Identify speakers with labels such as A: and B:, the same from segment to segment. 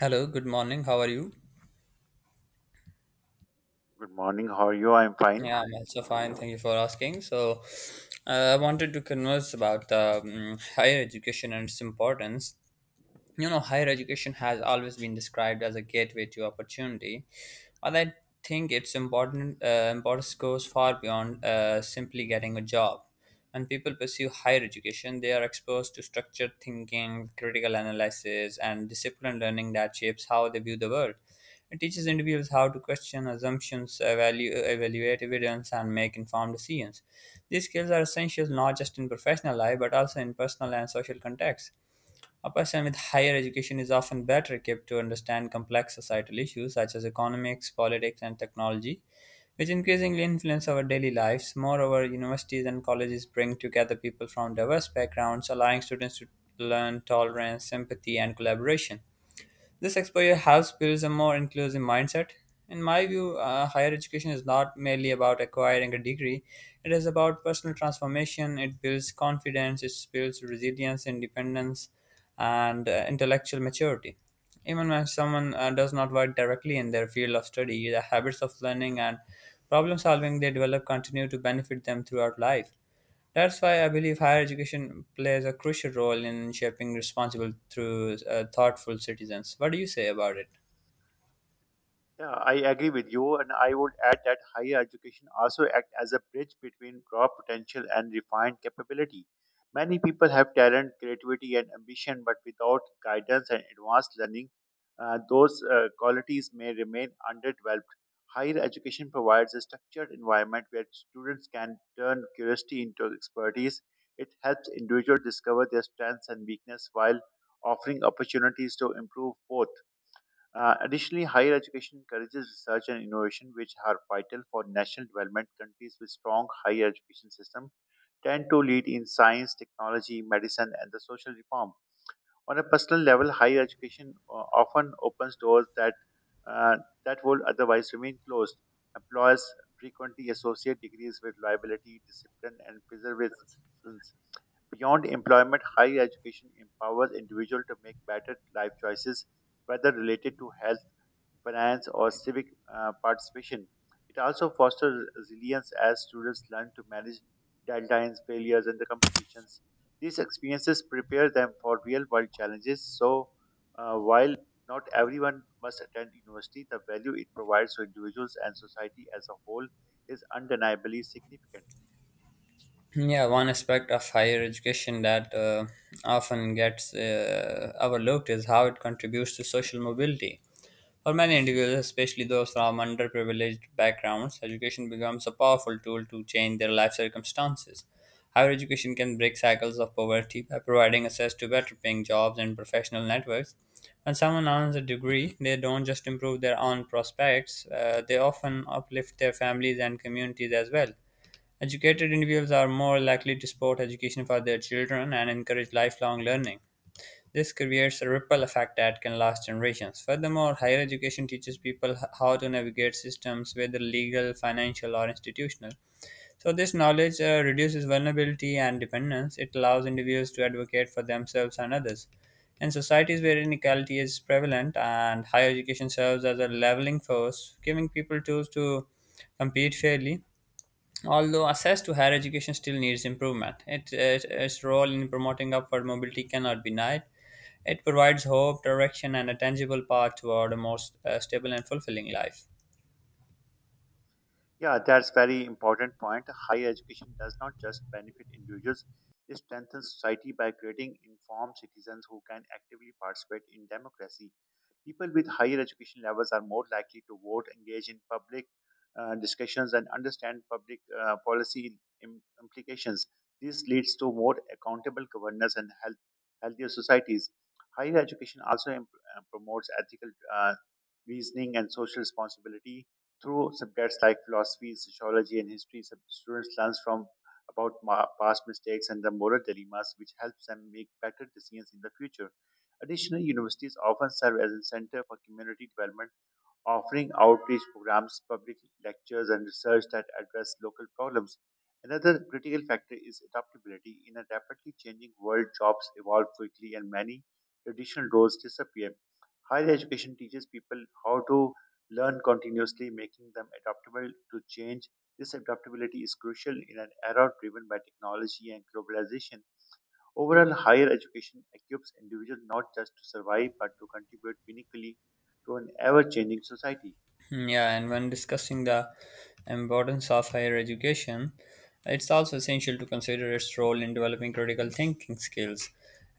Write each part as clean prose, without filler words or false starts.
A: Hello, good morning. How are you?
B: Good morning. How are you? I'm fine.
A: Yeah, I'm also fine. Thank you for asking. So, I wanted to converse about the higher education and its importance. Higher education has always been described as a gateway to opportunity, but I think its important importance goes far beyond simply getting a job. When people pursue higher education, they are exposed to structured thinking, critical analysis, and disciplined learning that shapes how they view the world. It teaches individuals how to question assumptions, evaluate evidence, and make informed decisions. These skills are essential not just in professional life but also in personal and social contexts. A person with higher education is often better equipped to understand complex societal issues such as economics, politics, and technology, which increasingly influence our daily lives. Moreover, universities and colleges bring together people from diverse backgrounds, allowing students to learn tolerance, sympathy, and collaboration. This exposure helps build a more inclusive mindset. In my view, higher education is not merely about acquiring a degree, it is about personal transformation. It builds confidence, it builds resilience, independence, and intellectual maturity. Even when someone does not work directly in their field of study, the habits of learning and problem solving they develop continue to benefit them throughout life. That's why I believe higher education plays a crucial role in shaping responsible through thoughtful citizens. What do you say about it?
B: Yeah, I agree with you, and I would add that higher education also act as a bridge between raw potential and refined capability. Many people have talent, creativity, and ambition, but without guidance and advanced learning, those qualities may remain underdeveloped. Higher education provides a structured environment where students can turn curiosity into expertise. It helps individuals discover their strengths and weakness while offering opportunities to improve both. Additionally, higher education encourages research and innovation, which are vital for national development. Countries with strong higher education system tend to lead in science, technology, medicine, and the social reform. On a personal level, higher education often opens doors uh, that would otherwise remain closed. Employers frequently associate degrees with reliability, discipline, and perseverance. Beyond employment, higher education empowers individuals to make better life choices, whether related to health finance, or civic participation. It also fosters resilience as students learn to manage deadlines, failures, and the competitions. These experiences prepare them for real world challenges. So, while not everyone must attend university, the value it provides to individuals and society as a whole is undeniably significant.
A: Yeah, one aspect of higher education that often gets overlooked is how it contributes to social mobility. For many individuals, especially those from underprivileged backgrounds, education becomes a powerful tool to change their life circumstances. Higher education can break cycles of poverty by providing access to better paying jobs and professional networks. When someone earns a degree, they don't just improve their own prospects, they often uplift their families and communities as well. Educated individuals are more likely to support education for their children and encourage lifelong learning. This creates a ripple effect that can last generations. Furthermore, higher education teaches people how to navigate systems, whether legal, financial, or institutional. So, this knowledge reduces vulnerability and dependence. It allows individuals to advocate for themselves and others. In societies where inequality is prevalent and higher education serves as a leveling force, giving people tools to compete fairly, although access to higher education still needs improvement, its role in promoting upward mobility cannot be denied. It provides hope, direction, and a tangible path toward a more stable and fulfilling life.
B: Yeah, that's very important point. Higher education does not just benefit individuals; it strengthens society by creating informed citizens who can actively participate in democracy. People with higher education levels are more likely to vote, engage in public discussions, and understand public policy implications. This leads to more accountable governance and healthier societies. Higher education also promotes ethical reasoning and social responsibility through subjects like philosophy, sociology, and history, students learn from about past mistakes and the moral dilemmas, which helps them make better decisions in the future. Additionally, universities often serve as a center for community development offering outreach programs, public lectures, and research that address local problems. Another critical factor is adaptability. In a rapidly changing world, jobs evolve quickly and many traditional roles disappear. Higher education teaches people how to learn continuously, making them adaptable to change. This adaptability is crucial in an era driven by technology and globalization. Overall, higher education equips individuals not just to survive but to contribute meaningfully to an ever changing society.
A: Mm, yeah, and when discussing the importance of higher education, it's also essential to consider its role in developing critical thinking skills.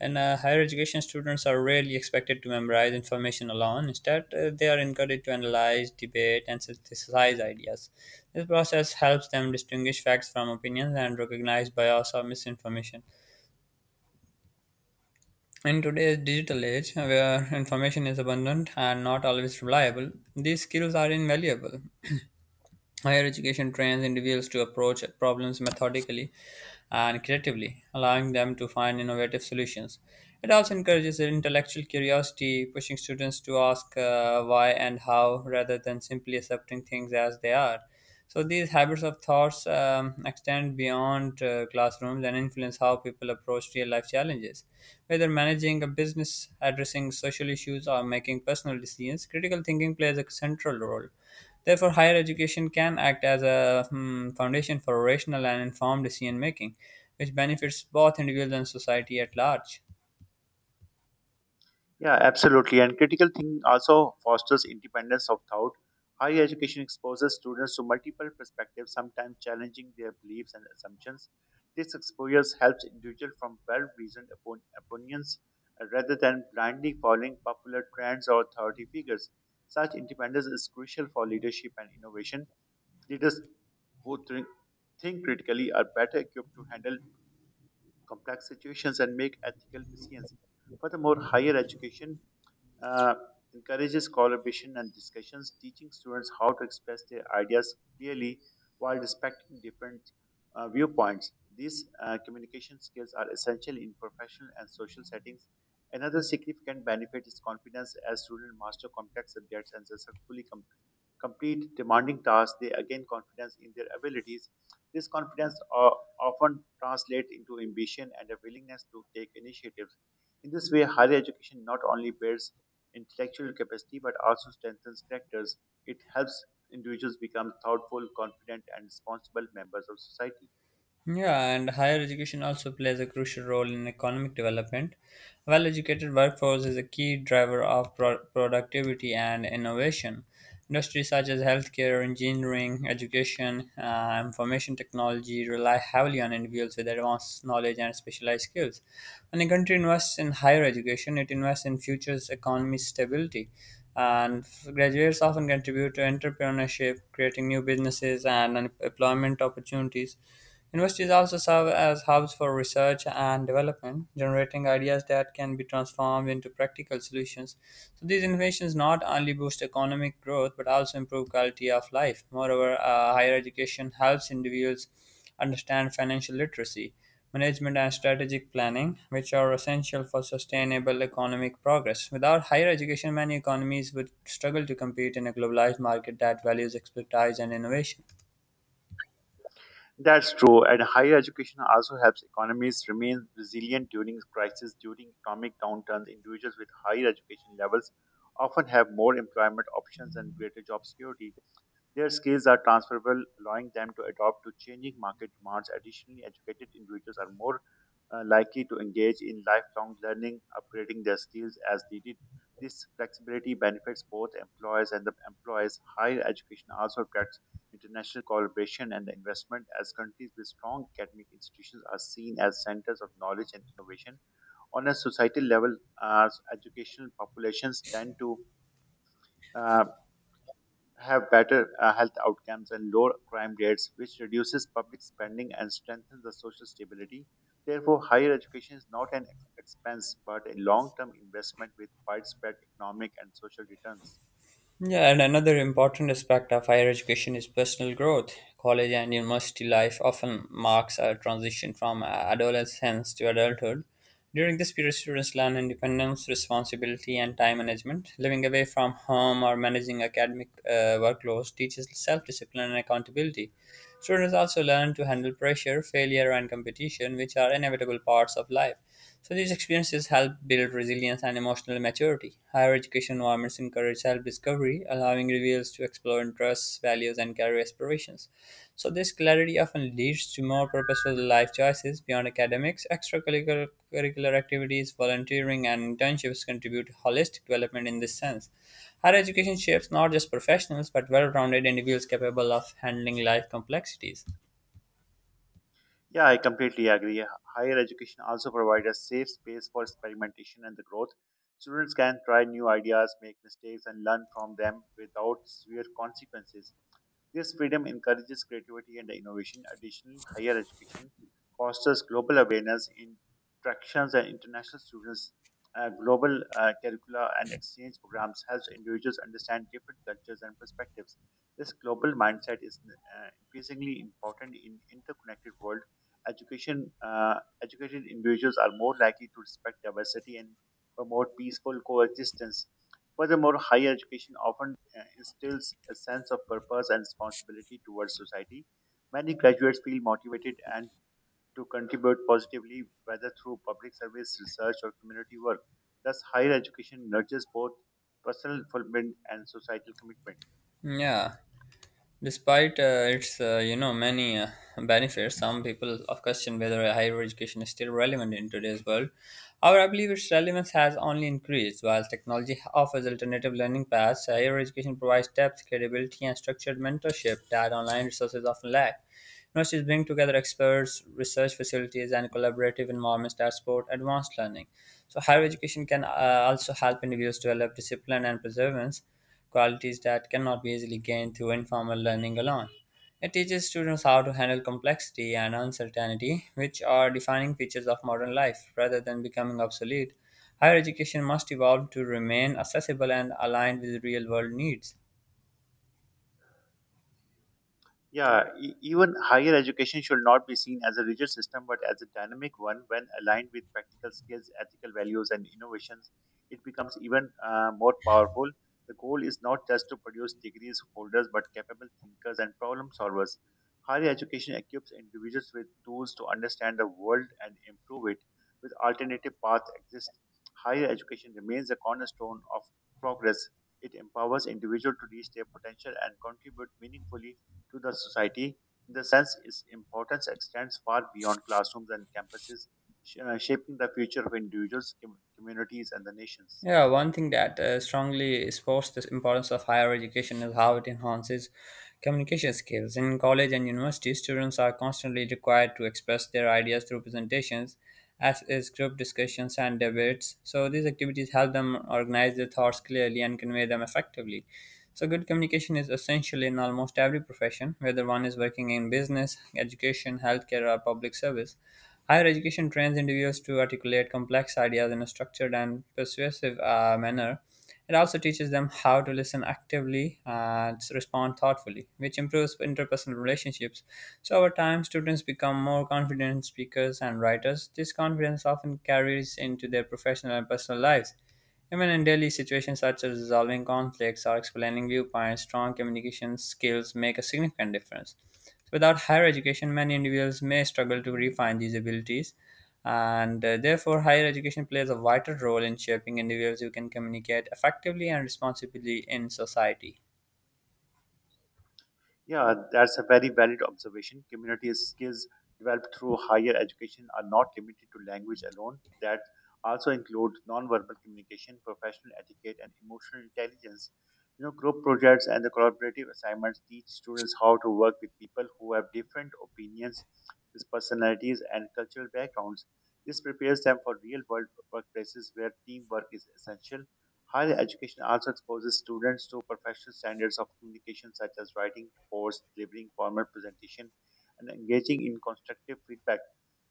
A: And higher education students are rarely expected to memorize information alone. Instead, they are encouraged to analyze, debate, and synthesize ideas. This process helps them distinguish facts from opinions and recognize bias or misinformation. In today's digital age, where information is abundant and not always reliable, these skills are invaluable. Higher education trains individuals to approach problems methodically and creatively, allowing them to find innovative solutions. It also encourages intellectual curiosity, pushing students to ask why and how rather than simply accepting things as they are. So, these habits of thoughts extend beyond classrooms and influence how people approach real life challenges. Whether managing a business, addressing social issues, or making personal decisions, critical thinking plays a central role. Therefore, higher education can act as a foundation for rational and informed decision making, which benefits both individuals and society at large.
B: Yeah, absolutely. And critical thinking also fosters independence of thought. Higher education exposes students to multiple perspectives, sometimes challenging their beliefs and assumptions. This exposure helps individuals from well-reasoned opinions rather than blindly following popular trends or authority figures. Such independence is crucial for leadership and innovation. Leaders who think critically are better equipped to handle complex situations and make ethical decisions. Furthermore, higher education uh, encourages collaboration and discussions, teaching students how to express their ideas clearly while respecting different viewpoints. These communication skills are essential in professional and social settings. Another significant benefit is confidence as students master complex subjects and successfully complete demanding tasks, they again confidence in their abilities. This confidence often translates into ambition and a willingness to take initiatives. In this way, higher education not only builds intellectual capacity but also strengthens characters. It helps individuals become thoughtful, confident, and responsible members of society.
A: Yeah, and higher education also plays a crucial role in economic development. Well educated workforce is a key driver of productivity and innovation. Industries such as healthcare, engineering, education, information technology rely heavily on individuals with advanced knowledge and specialized skills. When a country invests in higher education, it invests in future's economy stability. And graduates often contribute to entrepreneurship, creating new businesses and employment opportunities. Universities also serve as hubs for research and development, generating ideas that can be transformed into practical solutions. So these innovations not only boost economic growth but also improve quality of life. Moreover, higher education helps individuals understand financial literacy, management, and strategic planning, which are essential for sustainable economic progress. Without higher education, many economies would struggle to compete in a globalized market that values expertise and innovation.
B: That's true, and higher education also helps economies remain resilient during crises, during economic downturns. Individuals with higher education levels often have more employment options and greater job security. Their skills are transferable, allowing them to adapt to changing market demands. Additionally, educated individuals are more likely to engage in lifelong learning, upgrading their skills as needed. This flexibility benefits both employers and the employees. Higher education also attracts international collaboration and investment as countries with strong academic institutions are seen as centers of knowledge and innovation. On a societal level, educational populations tend to uh, have better health outcomes and lower crime rates, which reduces public spending and strengthens the social stability. Therefore, higher education is not an expense but a long term investment with widespread economic and social returns.
A: Yeah, and another important aspect of higher education is personal growth. College and university life often marks a transition from adolescence to adulthood. During this period, students learn independence, responsibility, and time management. Living away from home or managing academic workloads teaches self discipline and accountability. Students also learn to handle pressure, failure, and competition, which are inevitable parts of life. So these experiences help build resilience and emotional maturity. Higher education environments encourage self-discovery, allowing reveals to explore interests, values, and career aspirations. So this clarity often leads to more purposeful life choices beyond academics. Extracurricular curricular activities, volunteering, and internships contribute to holistic development in this sense. Higher education shapes not just professionals but well-rounded individuals capable of handling life complexities.
B: Yeah, I completely agree. Higher education also provides a safe space for experimentation and the growth. Students can try new ideas, make mistakes, and learn from them without severe consequences. This freedom encourages creativity and innovation. Additionally, higher education fosters global awareness, interactions, and international students. Global curricula and exchange programs helps individuals understand different cultures and perspectives. This global mindset is increasingly important in interconnected world. Education educated individuals are more likely to respect diversity and promote peaceful coexistence. Furthermore, higher education often instills a sense of purpose and responsibility towards society. Many graduates feel motivated and to contribute positively, whether through public service, research, or community work. Thus, higher education nurtures both personal fulfillment and societal commitment.
A: Yeah. Despite its many benefits, some people of question whether a higher education is still relevant in today's world. However, I believe its relevance has only increased. While technology offers alternative learning paths, higher education provides depth, credibility, and structured mentorship that online resources often lack. Universities bring together experts, research facilities, and collaborative environments that support advanced learning. So, higher education can also help individuals develop discipline and perseverance, qualities that cannot be easily gained through informal learning alone. It teaches students how to handle complexity and uncertainty, which are defining features of modern life, rather than becoming obsolete. Higher education must evolve to remain accessible and aligned with real world needs.
B: Yeah, even higher education should not be seen as a rigid system, but as a dynamic one when aligned with practical skills, ethical values, and innovations. It becomes even more powerful. The goal is not just to produce degrees holders, but capable thinkers and problem solvers. Higher education equips individuals with tools to understand the world and improve it. With alternative paths exist, higher education remains a cornerstone of progress. It empowers individuals to reach their potential and contribute meaningfully to the society. In the sense, its importance extends far beyond classrooms and campuses, shaping the future of individuals, communities, and the nations.
A: Yeah, one thing that strongly supports the importance of higher education is how it enhances communication skills. In college and university, students are constantly required to express their ideas through presentations, as is group discussions and debates. So these activities help them organize their thoughts clearly and convey them effectively. So, good communication is essential in almost every profession, whether one is working in business, education, healthcare, or public service. Higher education trains individuals to articulate complex ideas in a structured and persuasive manner. It also teaches them how to listen actively and respond thoughtfully, which improves interpersonal relationships. So, over time, students become more confident speakers and writers. This confidence often carries into their professional and personal lives. Even in daily situations such as resolving conflicts or explaining viewpoints, strong communication skills make a significant difference. So without higher education, many individuals may struggle to refine these abilities, and therefore, higher education plays a vital role in shaping individuals who can communicate effectively and responsibly in society.
B: Yeah, that's a very valid observation. Community skills developed through higher education are not limited to language alone, that also include non-verbal communication, professional etiquette, and emotional intelligence. You know, group projects and the collaborative assignments teach students how to work with people who have different opinions, these personalities, and cultural backgrounds. This prepares them for real world workplaces where teamwork is essential. Higher education also exposes students to professional standards of communication such as writing reports, delivering formal presentation, and engaging in constructive feedback.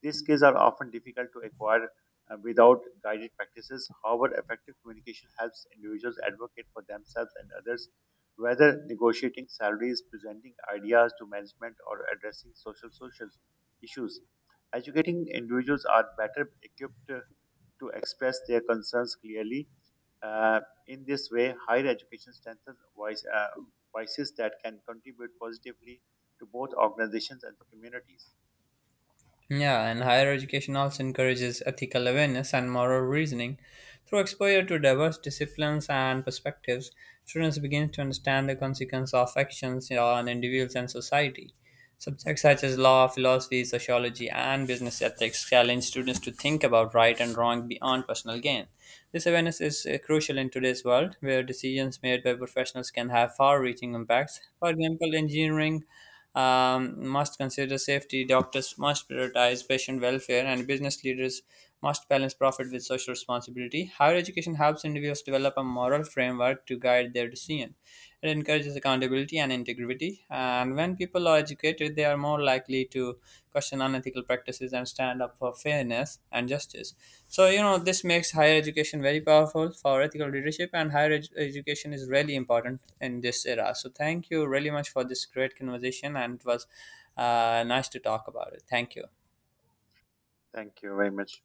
B: These skills are often difficult to acquire without guided practices. However, effective communication helps individuals advocate for themselves and others, whether negotiating salaries, presenting ideas to management, or addressing social issues. Educating individuals are better equipped to express their concerns clearly uh, in this way, higher education strengthens voices that can contribute positively to both organizations and the communities.
A: Yeah, and higher education also encourages ethical awareness and moral reasoning. Through exposure to diverse disciplines and perspectives, students begin to understand the consequence of actions on individuals and society. Subjects such as law, philosophy, sociology, and business ethics challenge students to think about right and wrong beyond personal gain. This awareness is crucial in today's world, where decisions made by professionals can have far reaching impacts. For example, engineering must consider safety, doctors must prioritize patient welfare, and business leaders must balance profit with social responsibility. Higher education helps individuals develop a moral framework to guide their decision. It encourages accountability and integrity, and when people are educated, they are more likely to question unethical practices and stand up for fairness and justice. So, you know, this makes higher education very powerful for ethical leadership, and higher education is really important in this era. So, thank you really much for this great conversation, and it was nice to talk about it. Thank you.
B: Thank you very much.